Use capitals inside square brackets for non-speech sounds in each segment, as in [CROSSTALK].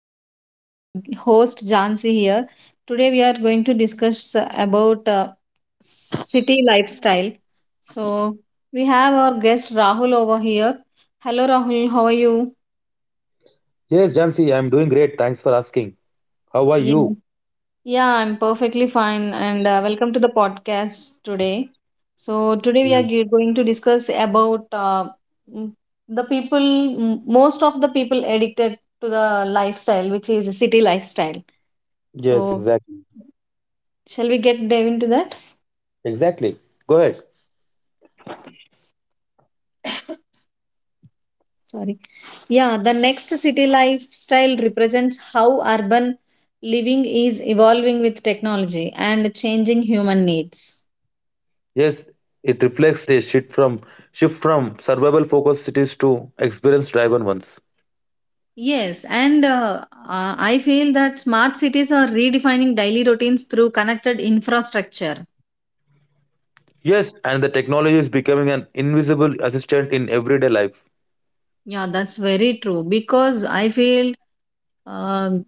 your host Jansi here. Today, we are going to discuss about city lifestyle. So, we have our guest Rahul over here. Hello, Rahul. How are you? Yes, Jansi, I'm doing great. Thanks for asking. How are you? Yeah, I'm perfectly fine, and welcome to the podcast today. So today we are Yes, going to discuss about m- the people, most of the people addicted to the lifestyle, which is a city lifestyle. yes, So exactly. shall we get dive into that? Exactly. Go ahead. Sorry. Yeah, the next city lifestyle represents how urban living is evolving with technology and changing human needs. Yes, it reflects a shift from survival focused cities to experience driven ones. Yes, and I feel that smart cities are redefining daily routines through connected infrastructure. Yes, and the technology is becoming an invisible assistant in everyday life. Yeah, that's very true because I feel um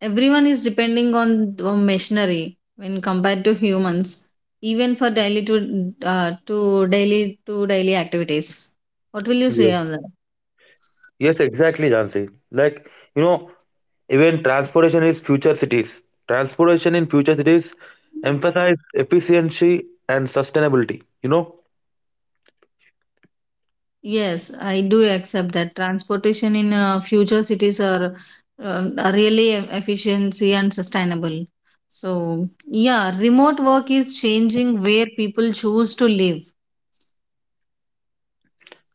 everyone is depending on the machinery when compared to humans, even for daily to daily activities. What will you Yes, say on that? yes, exactly, Jansi. Like, you know, even transportation is future cities. Transportation in future cities emphasize efficiency and sustainability, you know? Yes, I do accept that transportation in future cities are, really efficiency and sustainable. So, yeah, remote work is changing where people choose to live.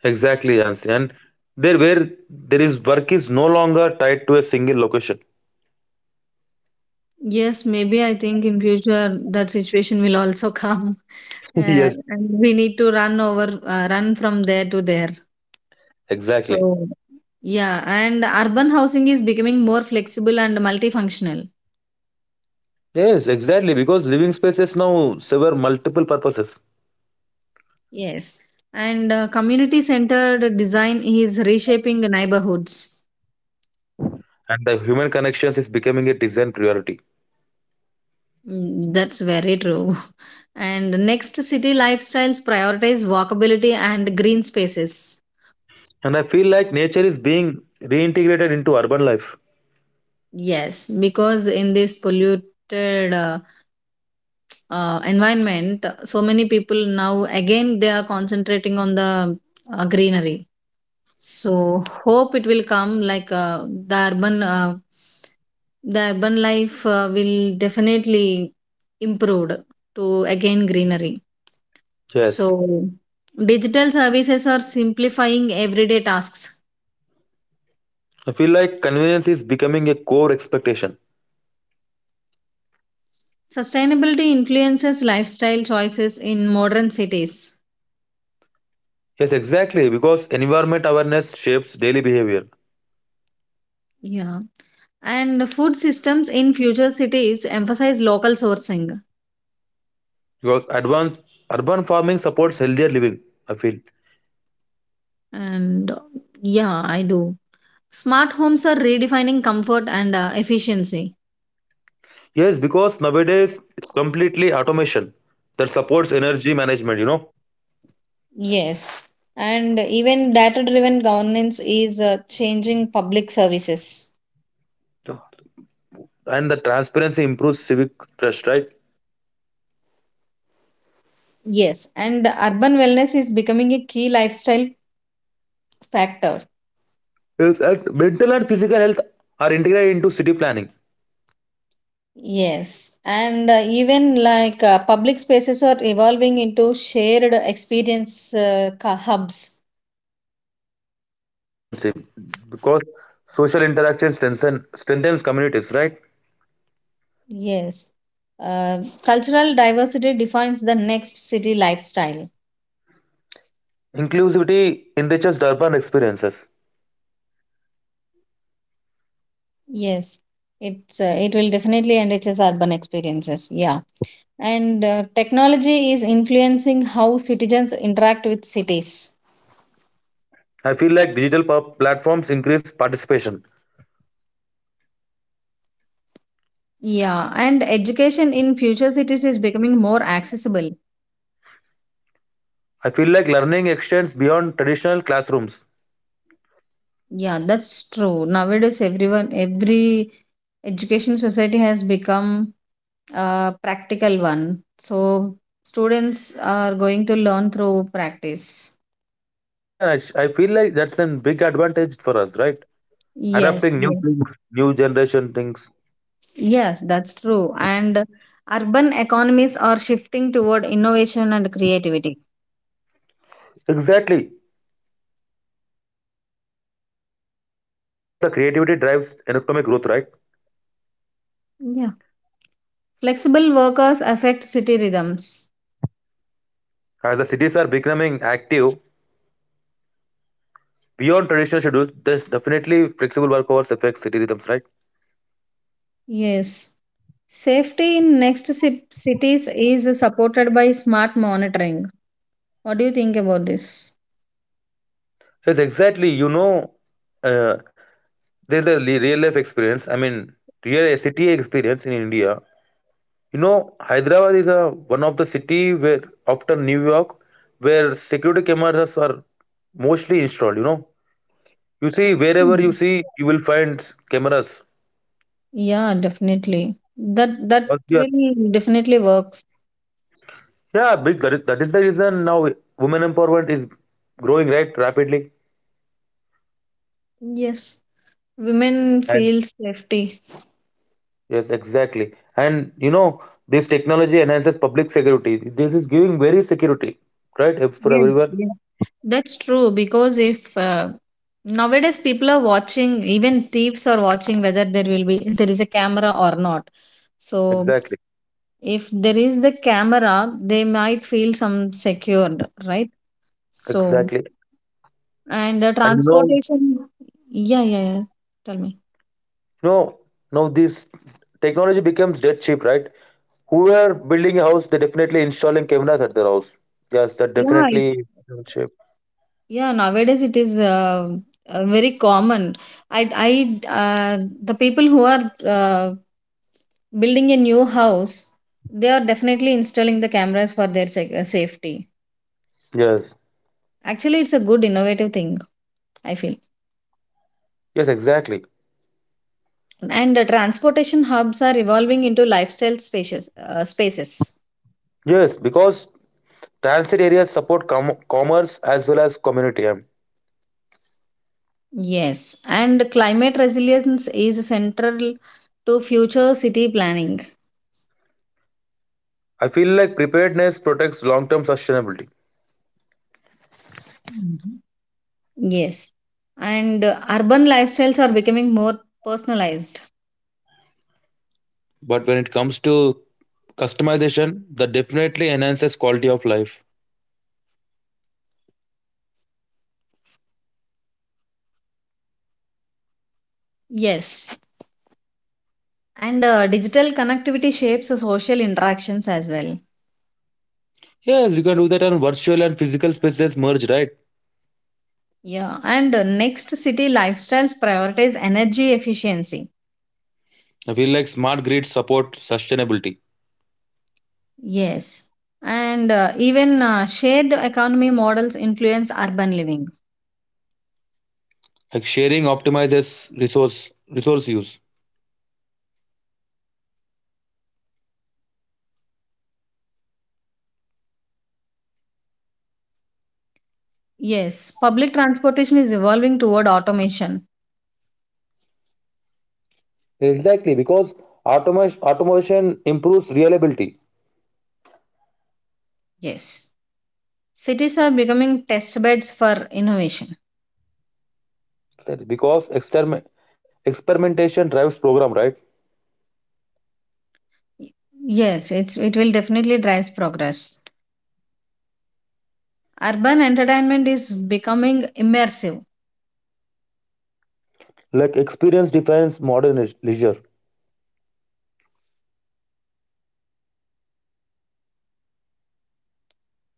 Exactly, Jansi. And there where there is work is no longer tied to a single location. Yes, maybe I think in future that situation will also come, [LAUGHS] [LAUGHS] uh, Yes. and we need to run from there to there. Exactly. So, yeah, and urban housing is becoming more flexible and multifunctional. Yes, exactly. Because living spaces now serve multiple purposes, Yes, and community centered design is reshaping neighborhoods. and the human connections is becoming a design priority. Mm, that's very true. [LAUGHS] And next, city lifestyles prioritize walkability and green spaces. And I feel like nature is being reintegrated into urban life. Yes, because in this polluted environment, so many people now again they are concentrating on the greenery. So hope it will come like the urban life will definitely improved to again greenery. So Yes, digital services are simplifying everyday tasks. I feel like convenience is becoming a core expectation. Sustainability influences lifestyle choices in modern cities. Yes, exactly. Because environment awareness shapes daily behavior. Yeah, and food systems in future cities emphasize local sourcing. Because advanced urban farming supports healthier living. I feel. And yeah, I do. Smart homes are redefining comfort and efficiency. Yes, because nowadays it's completely automation that supports energy management, you know, Yes, and even data driven governance is changing public services. and the transparency improves civic trust, right? Yes, and urban wellness is becoming a key lifestyle factor. Yes, and mental and physical health are integrated into city planning. Yes, and even like public spaces are evolving into shared experience hubs. Exactly, John said. Because social interaction strengthens communities, right? Yes, uh, cultural diversity defines the next city lifestyle. Inclusivity enriches urban experiences. Yes, it will definitely enrich urban experiences. Yeah. And technology is influencing how citizens interact with cities. I feel like digital platforms increase participation. Yeah, and education in future cities is becoming more accessible. I feel like learning extends beyond traditional classrooms. Yeah, that's true. Nowadays, every education society has become a practical one. So, students are going to learn through practice. Yes, and I feel like that's a big advantage for us, right? Yes, Adapting new yes, things, new generation things. yes, that's true. And urban economies are shifting toward innovation and creativity. Exactly, because the creativity drives economic growth, right? Yeah. Flexible workers affect city rhythms. As the cities are becoming active beyond traditional schedules, there's definitely flexible work hours affect city rhythms, right? Yes. Safety in next cities is supported by smart monitoring. What do you think about this? Yes, exactly. You know, uh, there's a real life experience. I mean, real city experience in India. You know, Hyderabad is a one of the city where after New York, where security cameras are mostly installed. You know, you see wherever you Hmm. see, you will find cameras. Yeah, definitely. That But yeah, will definitely works. yeah, big. That is the reason now women empowerment is growing right rapidly. Yes. Women And feel safety. yes, exactly. And you know, this technology enhances public security. This is giving very security, right, If for Yes, everyone. yes. That's true because if nowadays people are watching, even thieves are watching whether there will be there is a camera or not. So Exactly, if there is the camera they might feel some secured, right? So exactly. and And transportation. Yeah, yeah, yeah, tell me. know, now this technology becomes dead cheap, right? Who are building a house, they're definitely installing cameras at their house. Yes, that yeah it- definitely becomes cheap. yeah, nowadays it is very common. I The people who are building a new house, they are definitely installing the cameras for their safety. Yes, Actually it's a good innovative thing, I feel. yes, exactly. And transportation hubs are evolving into lifestyle spaces. Yes, because transit areas support commerce as well as community. Yes, and climate resilience is central to future city planning. I feel like preparedness protects long term sustainability. Yes, and urban lifestyles are becoming more personalized. But when it comes to customization, that definitely enhances quality of life. Yes, and digital connectivity shapes social interactions as well. Yes, you can do that on virtual and physical spaces merge, right? Yeah, and next city lifestyles prioritize energy efficiency. I feel like smart grids support sustainability. Yes, and even shared economy models influence urban living. Like sharing optimizes resource use. Yes, public transportation is evolving toward automation. Exactly, because automation improves reliability. Yes, cities are becoming test beds for innovation. Because experimentation drives program, right? Yes, it will definitely drives progress. Urban entertainment is becoming immersive. Like experience defines modern leisure.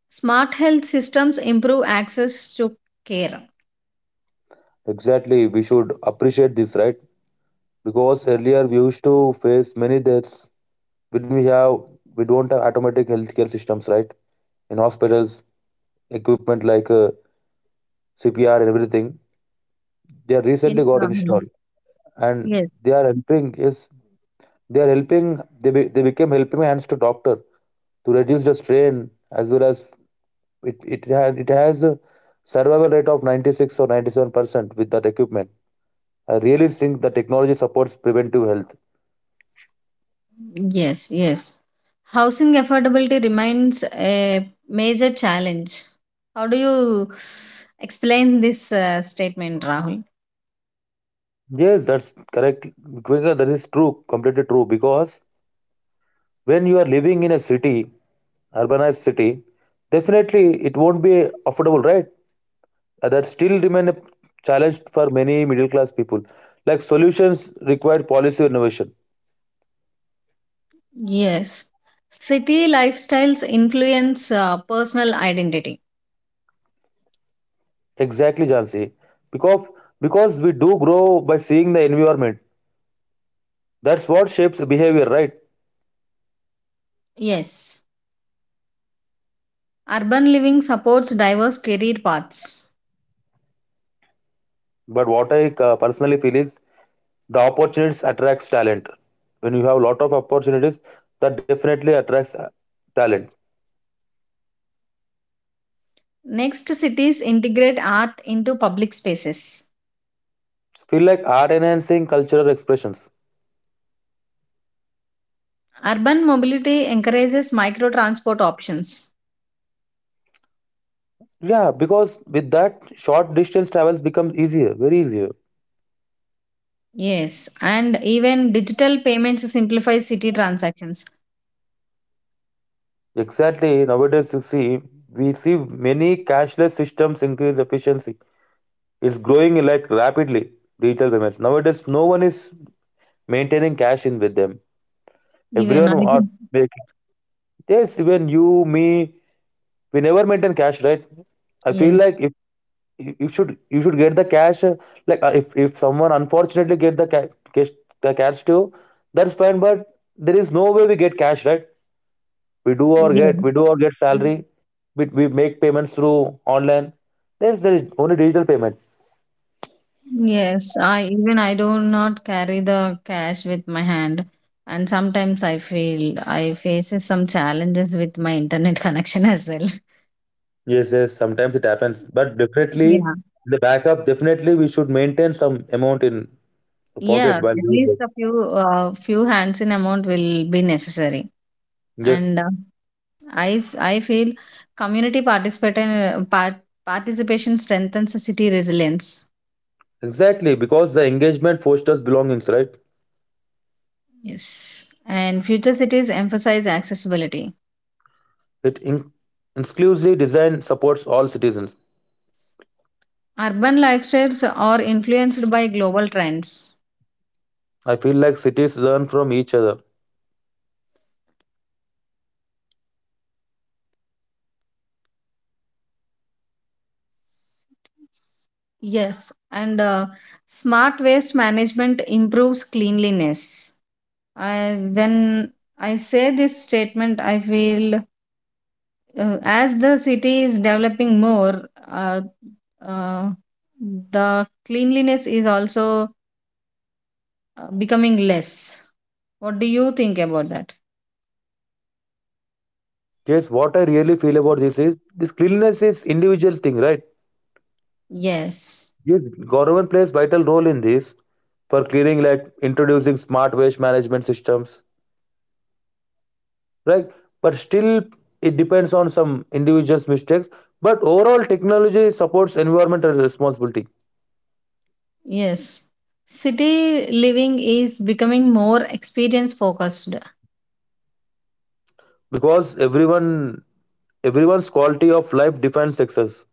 Smart health systems improve access to care. Exactly, we should appreciate this, right? Because earlier we used to face many deaths when we don't have automatic healthcare systems, right? In hospitals, equipment like CPR and everything, they are recently Yes, got Rahul. installed, and Yes, they are helping. Yes, they are helping. They became helping hands to doctor to reduce the strain as well as it has a survival rate of 96 or 97% with that equipment. I really think the technology supports preventive health. yes, yes. Housing affordability remains a major challenge. How do you explain this statement, Rahul? Yes, that's correct. Because that is true completely true because when you are living in a city urbanized city definitely it won't be affordable, right? That still remain a challenge for many middle class people. Like solutions require policy innovation. Yes, city lifestyles influence personal identity. Exactly, Jansi. Because we do grow by seeing the environment. That's what shapes behavior, right? Yes. Urban living supports diverse career paths. But what I personally feel is the opportunities attracts talent. When you have a lot of opportunities, that definitely attracts talent. Next, cities integrate art into public spaces. Feel like art enhancing cultural expressions. Urban mobility encourages micro transport options. Yeah, because with that, short distance travels becomes easier, very easier. Yes, and even digital payments simplify city transactions. Exactly. Nowadays, you see, we see many cashless systems increase efficiency. It's growing like rapidly. Digital payments. Nowadays, no one is maintaining cash in with them. Even Everyone I are do. Yes, even you, me, we never maintain cash, right? I feel Yes. like if you should get the cash, like if someone unfortunately get cash the cash too, that's fine. But there is no way we get cash, right? We do or get we Yes. do or get salary. We make payments through online. There is only digital payment. Yes, I do not carry the cash with my hand, and sometimes I feel I faces some challenges with my internet connection as well. [LAUGHS] Yes, yes. Sometimes it happens, but definitely Yeah. the backup. Definitely we should maintain some amount in the pocket Yes, while at doing least it. a few hands in amount will be necessary. Yes. And I feel community participation part, participation strengthens the city resilience. Exactly, because the engagement fosters belongings, right? Yes, and future cities emphasize accessibility. It in- inclusively design supports all citizens. Urban lifestyles are influenced by global trends. I feel like cities learn from each other. Yes, and smart waste management improves cleanliness. I When I say this statement, I feel as the city is developing more, uh, the cleanliness is also becoming less. What do you think about that? Yes, what I really feel about this is this cleanliness is individual thing, right? Yes. Yes, government plays vital role in this for clearing, like introducing smart waste management systems, right? But still, it depends on some individuals' mistakes. But overall, technology supports environmental responsibility. Yes. City living is becoming more experience focused. Because everyone's quality of life defines success.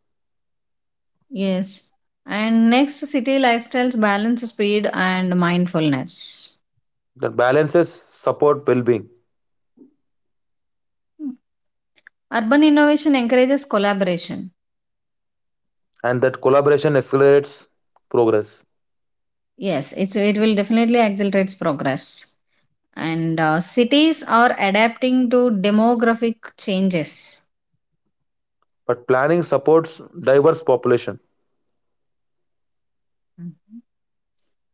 Yes. And next, city lifestyles balance speed and mindfulness. That balances support well-being. Urban innovation encourages collaboration. And that collaboration accelerates progress. Yes, it will definitely accelerate progress. And cities are adapting to demographic changes. But planning supports diverse population. Mm.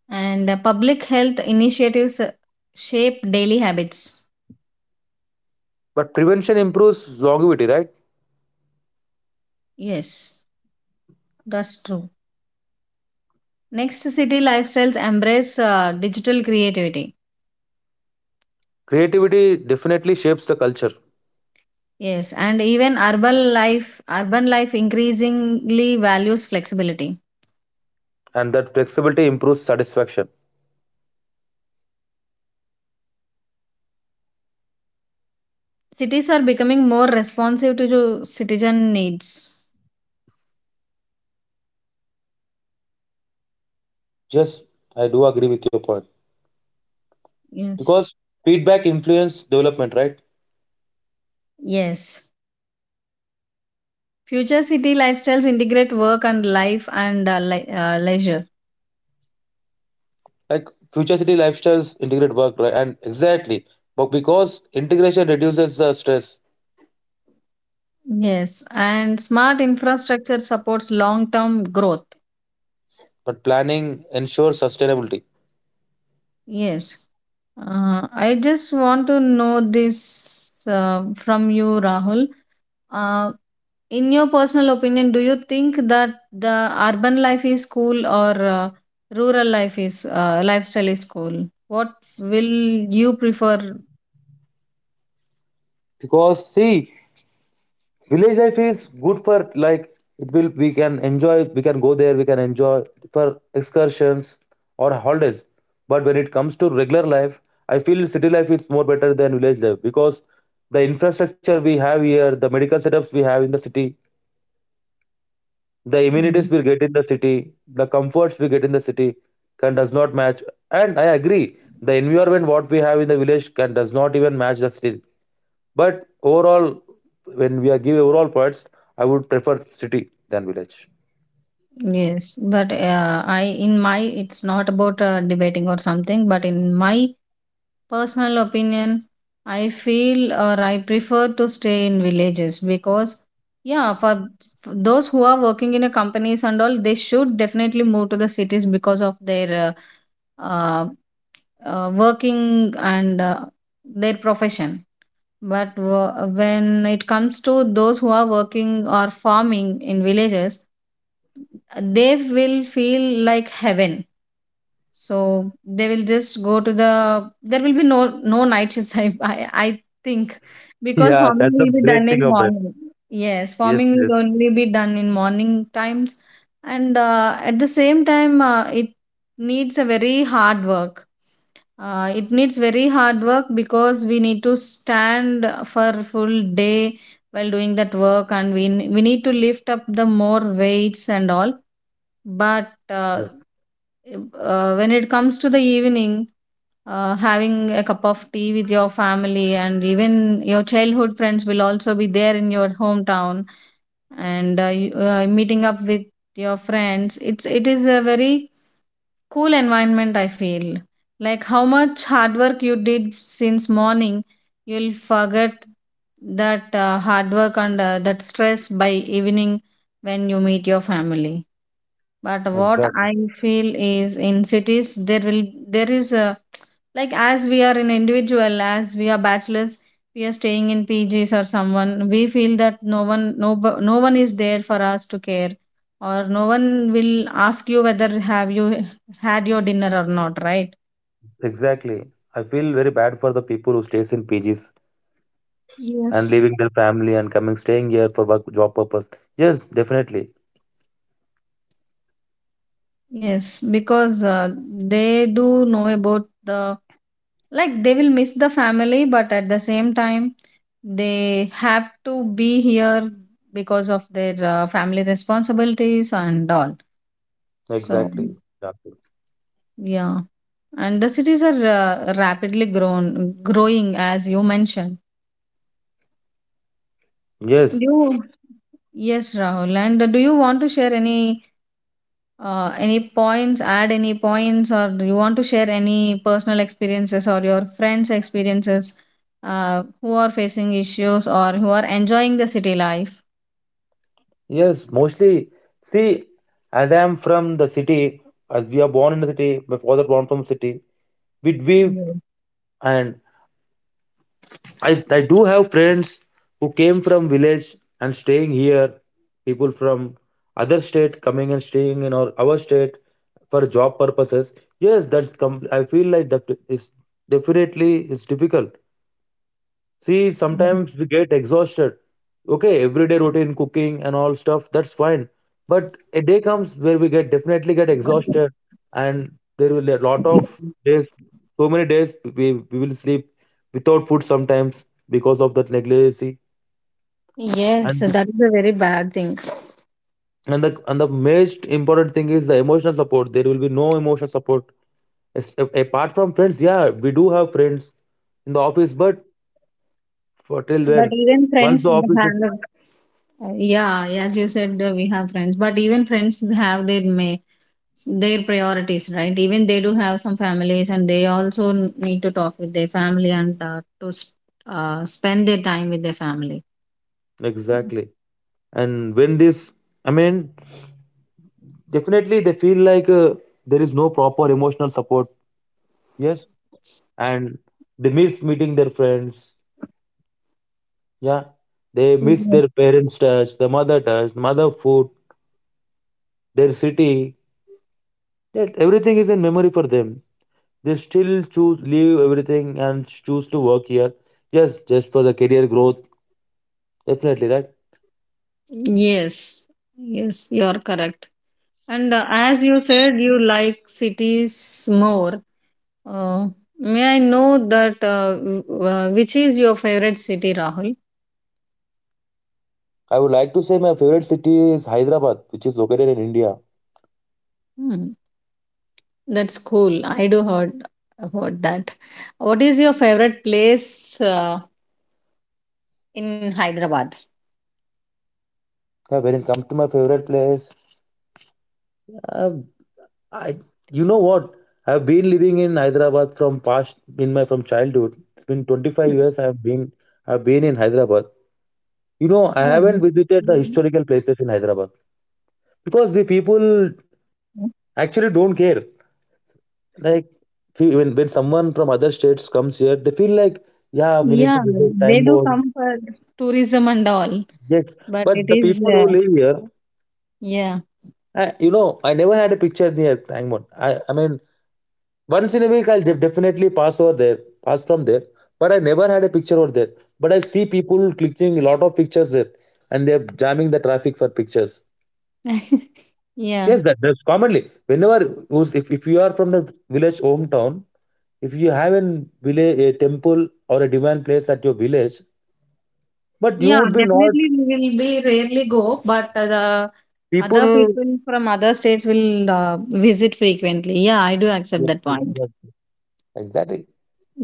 And public health initiatives shape daily habits. But prevention improves longevity, right? Yes, that's true. Next city lifestyles embrace digital creativity. Creativity definitely shapes the culture. Yes, and even urban life increasingly values flexibility. And that flexibility improves satisfaction. Cities are becoming more responsive to the citizen needs. Yes, I do agree with your point. Yes, Because feedback influence development, right? yes. Future city lifestyles integrate work and life and leisure. Like future city lifestyles integrate work, right? And exactly, but because integration reduces the stress. Yes, and smart infrastructure supports long term growth. But planning ensures sustainability. Yes. I just want to know this from you, Rahul. Uh, in your personal opinion, do you think that the urban life is cool or rural lifestyle is cool? What will you prefer? Because see, village life is good for like it will we can go there we can enjoy for excursions or holidays. But when it comes to regular life, I feel city life is more better than village life because the infrastructure we have here, the medical setups we have in the city, the amenities we get in the city, the comforts we get in the city can does not match. And I agree, the environment what we have in the village can does not even match the city. But overall, when we are give overall points, I would prefer city than village. Yes, but I in my it's not about debating or something, but in my personal opinion, I feel or I prefer to stay in villages because yeah, for those who are working in a companies and all, they should definitely move to the cities because of their uh, uh, working and their profession. But when it comes to those who are working or farming in villages, they will feel like heaven, so they will just go to the there will be no night shifts. [LAUGHS] I think because Yeah, farming that's a will be great done in thing of it. morning. Yes, Yes, farming will yes. only be done in morning times. And at the same time needs a very hard work it needs very hard work because we need to stand for full day while doing that work, and we need to lift up the more weights and all, but Yes. When it comes to the evening, having a cup of tea with your family and even your childhood friends will also be there in your hometown, and meeting up with your friends, it is a very cool environment, I feel. Like how much hard work you did since morning, you'll forget that hard work and that stress by evening when you meet your family. But what Exactly. I feel is in cities there is a, like, as we are an individual, as we are bachelors, we are staying in PGs or someone, we feel that no one is there for us to care, or no one will ask you whether have you had your dinner or not, right? Exactly. I feel very bad for the people who stays in PGs and Yes. leaving their family and coming staying here for work job purpose. Yes, definitely. Yes, because they do know about the. Like they will miss the family, but at the same time, they have to be here because of their family responsibilities and all. So, Exactly. Exactly. yeah. And the cities are rapidly growing, as you mentioned. Do Yes. you? Yes, Rahul. And do you want to share any? Any points, add any points, or do you want to share any personal experiences or your friends' experiences who are facing issues or who are enjoying the city life? Yes. Mostly. See, as I am from the city, as we are born in the city, my father born from city. We and I do have friends who came from village and staying here. People from other state coming and staying in our state for job purposes. Yes, I feel like that is definitely it's difficult. See, sometimes we get exhausted. Okay, everyday routine, cooking and all stuff, that's fine. But a day comes where we get definitely get exhausted, and there will be a lot of days, so many days we will sleep without food sometimes because of that negligency. Yes, And so that is a very bad thing. and the most important thing is the emotional support. There will be no emotional support. Apart from friends, yeah, we do have friends in the office, but for till But then, once the office is have, yeah, as you said, we have friends, but even friends have their priorities, right? Even they do have some families, and they also need to talk with their family and spend their time with their family. exactly. And when this, I mean, definitely they feel like there is no proper emotional support. Yes, and they miss meeting their friends. Yeah, they miss their parents touch the mother touch mother food. Their city. That everything is in memory for them. They still choose leave everything and choose to work here. Yes, just for the career growth. Definitely, right? Yes, yes, you are correct. And as you said, you like cities more. Uh, may I know that which is your favorite city, Rahul? I would like to say my favorite city is Hyderabad, which is located in India. Hmm, that's cool. I do heard about that. What is your favorite place in Hyderabad? Yeah, when it comes to my favorite place, uh, I, you know what? I've been living in Hyderabad from past in my from childhood. It's been 25 years. I've been in Hyderabad. You know, I Oh, that's haven't good. visited the historical places in Hyderabad because the people actually don't care. Like when someone from other states comes here, they feel like yeah, we Yeah, need to visit they Tang do board. come for tourism and all, Yes, but it but the is people who live here, yeah, I never had a picture near Tang board. I mean, once in a week, I'll definitely pass from there. But I never had a picture over there. But I see people clicking a lot of pictures there, and they're jamming the traffic for pictures. [LAUGHS] yeah. Yes, that's commonly. Whenever if you are from the village hometown, if you have an village a temple or a divine place at your village, but you Yeah, would be not definitely we will be rarely go, but the other people. people from other states will visit frequently. Yeah, I do accept Yes, that yes, point yes. Exactly.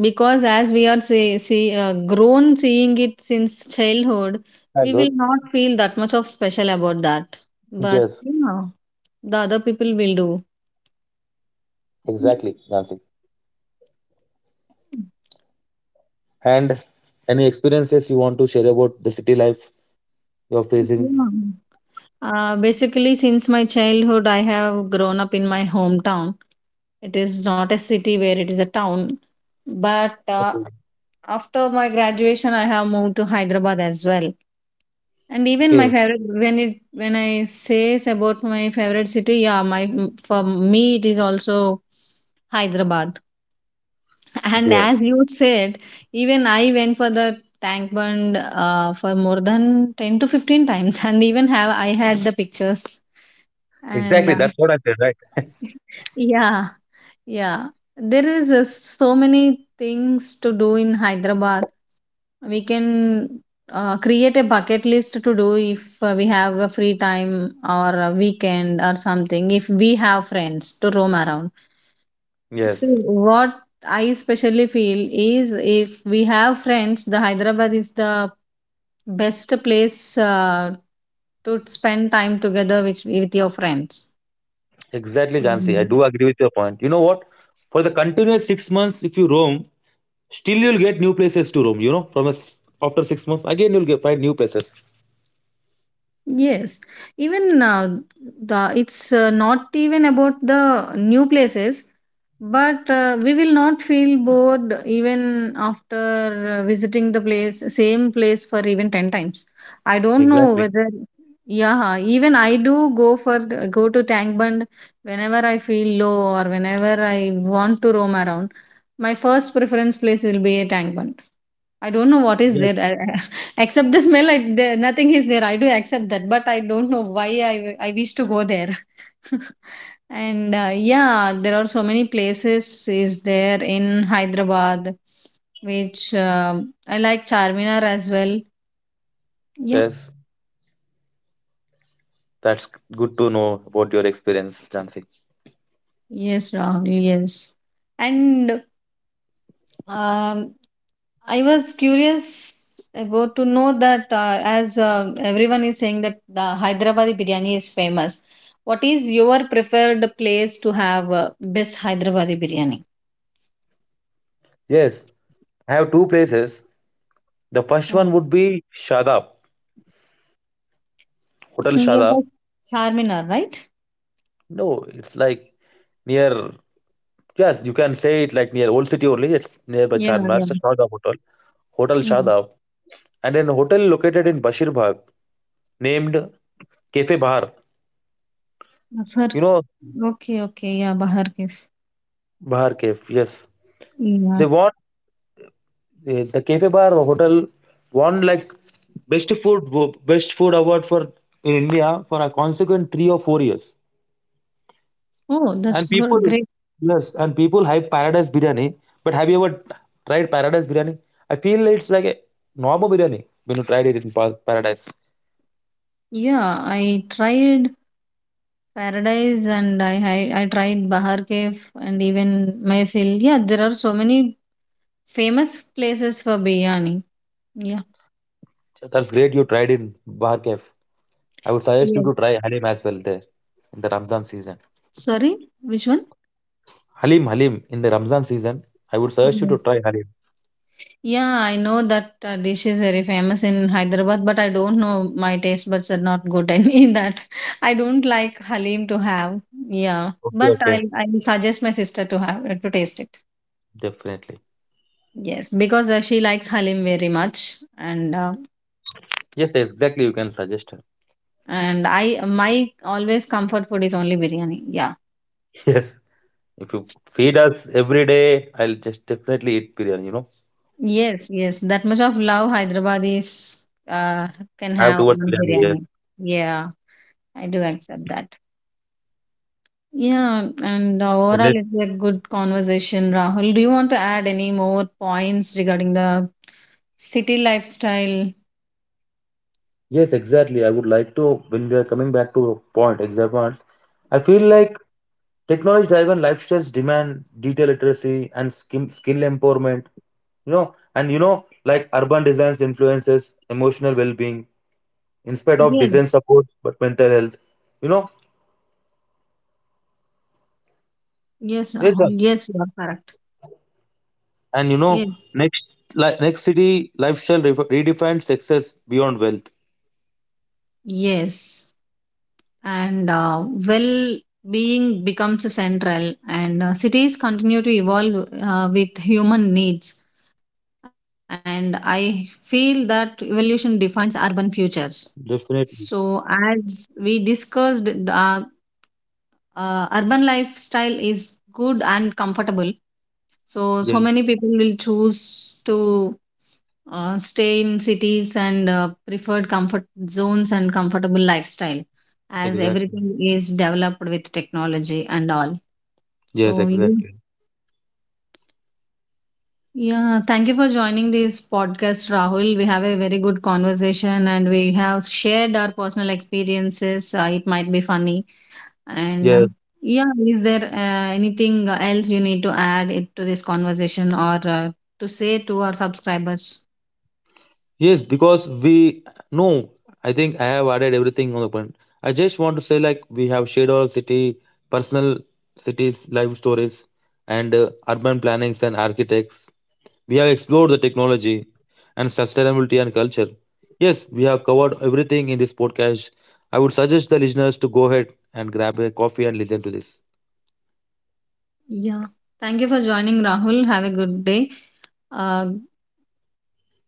because as we are see, see grown seeing it since childhood, we Childhood. will not feel that much of special about that. But Yes, yeah, the other people will do. exactly, Yeah. Nancy. And any experiences you want to share about the city life you're facing. Yeah. Basically, since my childhood, I have grown up in my hometown. It is not a city where it is a town. But Okay. after my graduation, I have moved to Hyderabad as well. And even my Okay. favorite, when I says about my favorite city, yeah, my for me it is also Hyderabad. And Yeah. as you said, even I went for the tank bund for more than 10 to 15 times, [LAUGHS] and even have I had the pictures. And Exactly. That's what I said, right? [LAUGHS] yeah, yeah, there is so many things to do in Hyderabad. We can create a bucket list to do if we have a free time or a weekend or something, if we have friends to roam around. See, Yes. what I especially feel is if we have friends, the Hyderabad is the best place to spend time together with your friends. Exactly, Jansi. I Mm. do agree with your point. You know what? For the continuous 6 months, if you roam, still you'll get new places to roam. You know, from us after 6 months, again you'll get find new places. Yes, even the it's not even about the new places, but we will not feel bored even after visiting the place, same place for even 10 times. I don't know Exactly. whether, yeah, even I do go for go to Tank Bund whenever I feel low or whenever I want to roam around. My first preference place will be a Tank Bund. I don't know what is Yes. there [LAUGHS] except the smell. Nothing is there. I do accept that, but I don't know why I wish to go there. [LAUGHS] And yeah, there are so many places is there in Hyderabad, which I like Charminar as well. Yeah, Yes. That's good to know about your experience, Jansi. yes, Rahul, yes. And Um, I was curious about to know that as everyone is saying that the Hyderabadi biryani is famous. What is your preferred place to have best Hyderabadi biryani? Yes. I have two places. The first Oh, one would be Shadab, it's Hotel nearby Shadab. Charminar, right? No, it's like near. Yes, you can say it like near Old City only. It's nearby Yeah, Charminar. yeah, It's a Shadab Hotel, Hotel yeah. Shadab, and then hotel located in Bashir Bagh named Cafe Bahar. I've heard. You know Okay, okay, yeah, Bahar Kef. Bahar Cafe. Yes, Yeah. they won the Cafe Bar hotel won like best food best food award for in India for a consequent 3 or 4 years. Oh, that's good, And great. people, yes, and people hype paradise biryani. But have you ever tried paradise biryani? I feel it's like a normal biryani when you tried it in Paradise. Yeah, I tried Paradise and I tried Bahar Kef and even Mayfield. Yeah, there are so many famous places for biryani. Yeah. That's great you tried in Bar Cave. I would suggest you Yes. to try Halim as well there in the Ramzan season. Sorry, which one? Halim, Halim, in the Ramzan season, I would suggest you Okay. to try Halim. Yeah, I know that dish is very famous in Hyderabad, but I don't know. My taste buds are not good [LAUGHS] any that. I don't like halim to have. Yeah, Okay, but okay, I'll suggest my sister to have to taste it. definitely. Yes, because she likes halim very much, Yes, exactly. You can suggest her. [LAUGHS] and I my always comfort food is only biryani. Yeah. Yes, if you feed us every day, I'll just definitely eat biryani. You know, Yes, yes. That much of love Hyderabadis can I have have towards on biryani. biryani. Yeah, I do accept that. Yeah, and Overall, Yes, it's a good conversation, Rahul. Do you want to add any more points regarding the city lifestyle? yes, exactly. I would like to, when we are coming back to your point, exact point, I feel like technology driven lifestyles demand data literacy and skill empowerment, and like urban designs influences emotional well being in spite of Yes, design support, but mental health, you know, yes, Rahul. yes, sir. Yes, you are correct. and you Yes, know, next, like next city lifestyle redefines success beyond wealth. yes. and Well being becomes central and cities continue to evolve with human needs and I feel that evolution defines urban futures so Definitely. as we discussed the urban lifestyle is good and comfortable so, so Yeah, many people will choose to stay in cities and preferred comfort zones and comfortable lifestyle as exactly. everything is developed with technology and all. Yes, So, exactly. you, yeah, thank you for joining this podcast, Rahul. We have a very good conversation and we have shared our personal experiences. It might be funny And Yes. yeah, is there anything else you need to add it to this conversation or to say to our subscribers? Yes, because we no, I think I have added everything on the point. I just want to say like we have shared our personal cities, life stories, and urban plannings and architects. We have explored the technology and sustainability and culture. Yes, we have covered everything in this podcast. I would suggest the listeners to go ahead and grab a coffee and listen to this. Yeah. Thank you for joining, Rahul. Have a good day. Uh,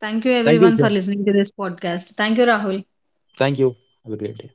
thank you, Thank you, everyone, sir. for listening to this podcast. Thank you, Rahul. Thank you. Have a great day.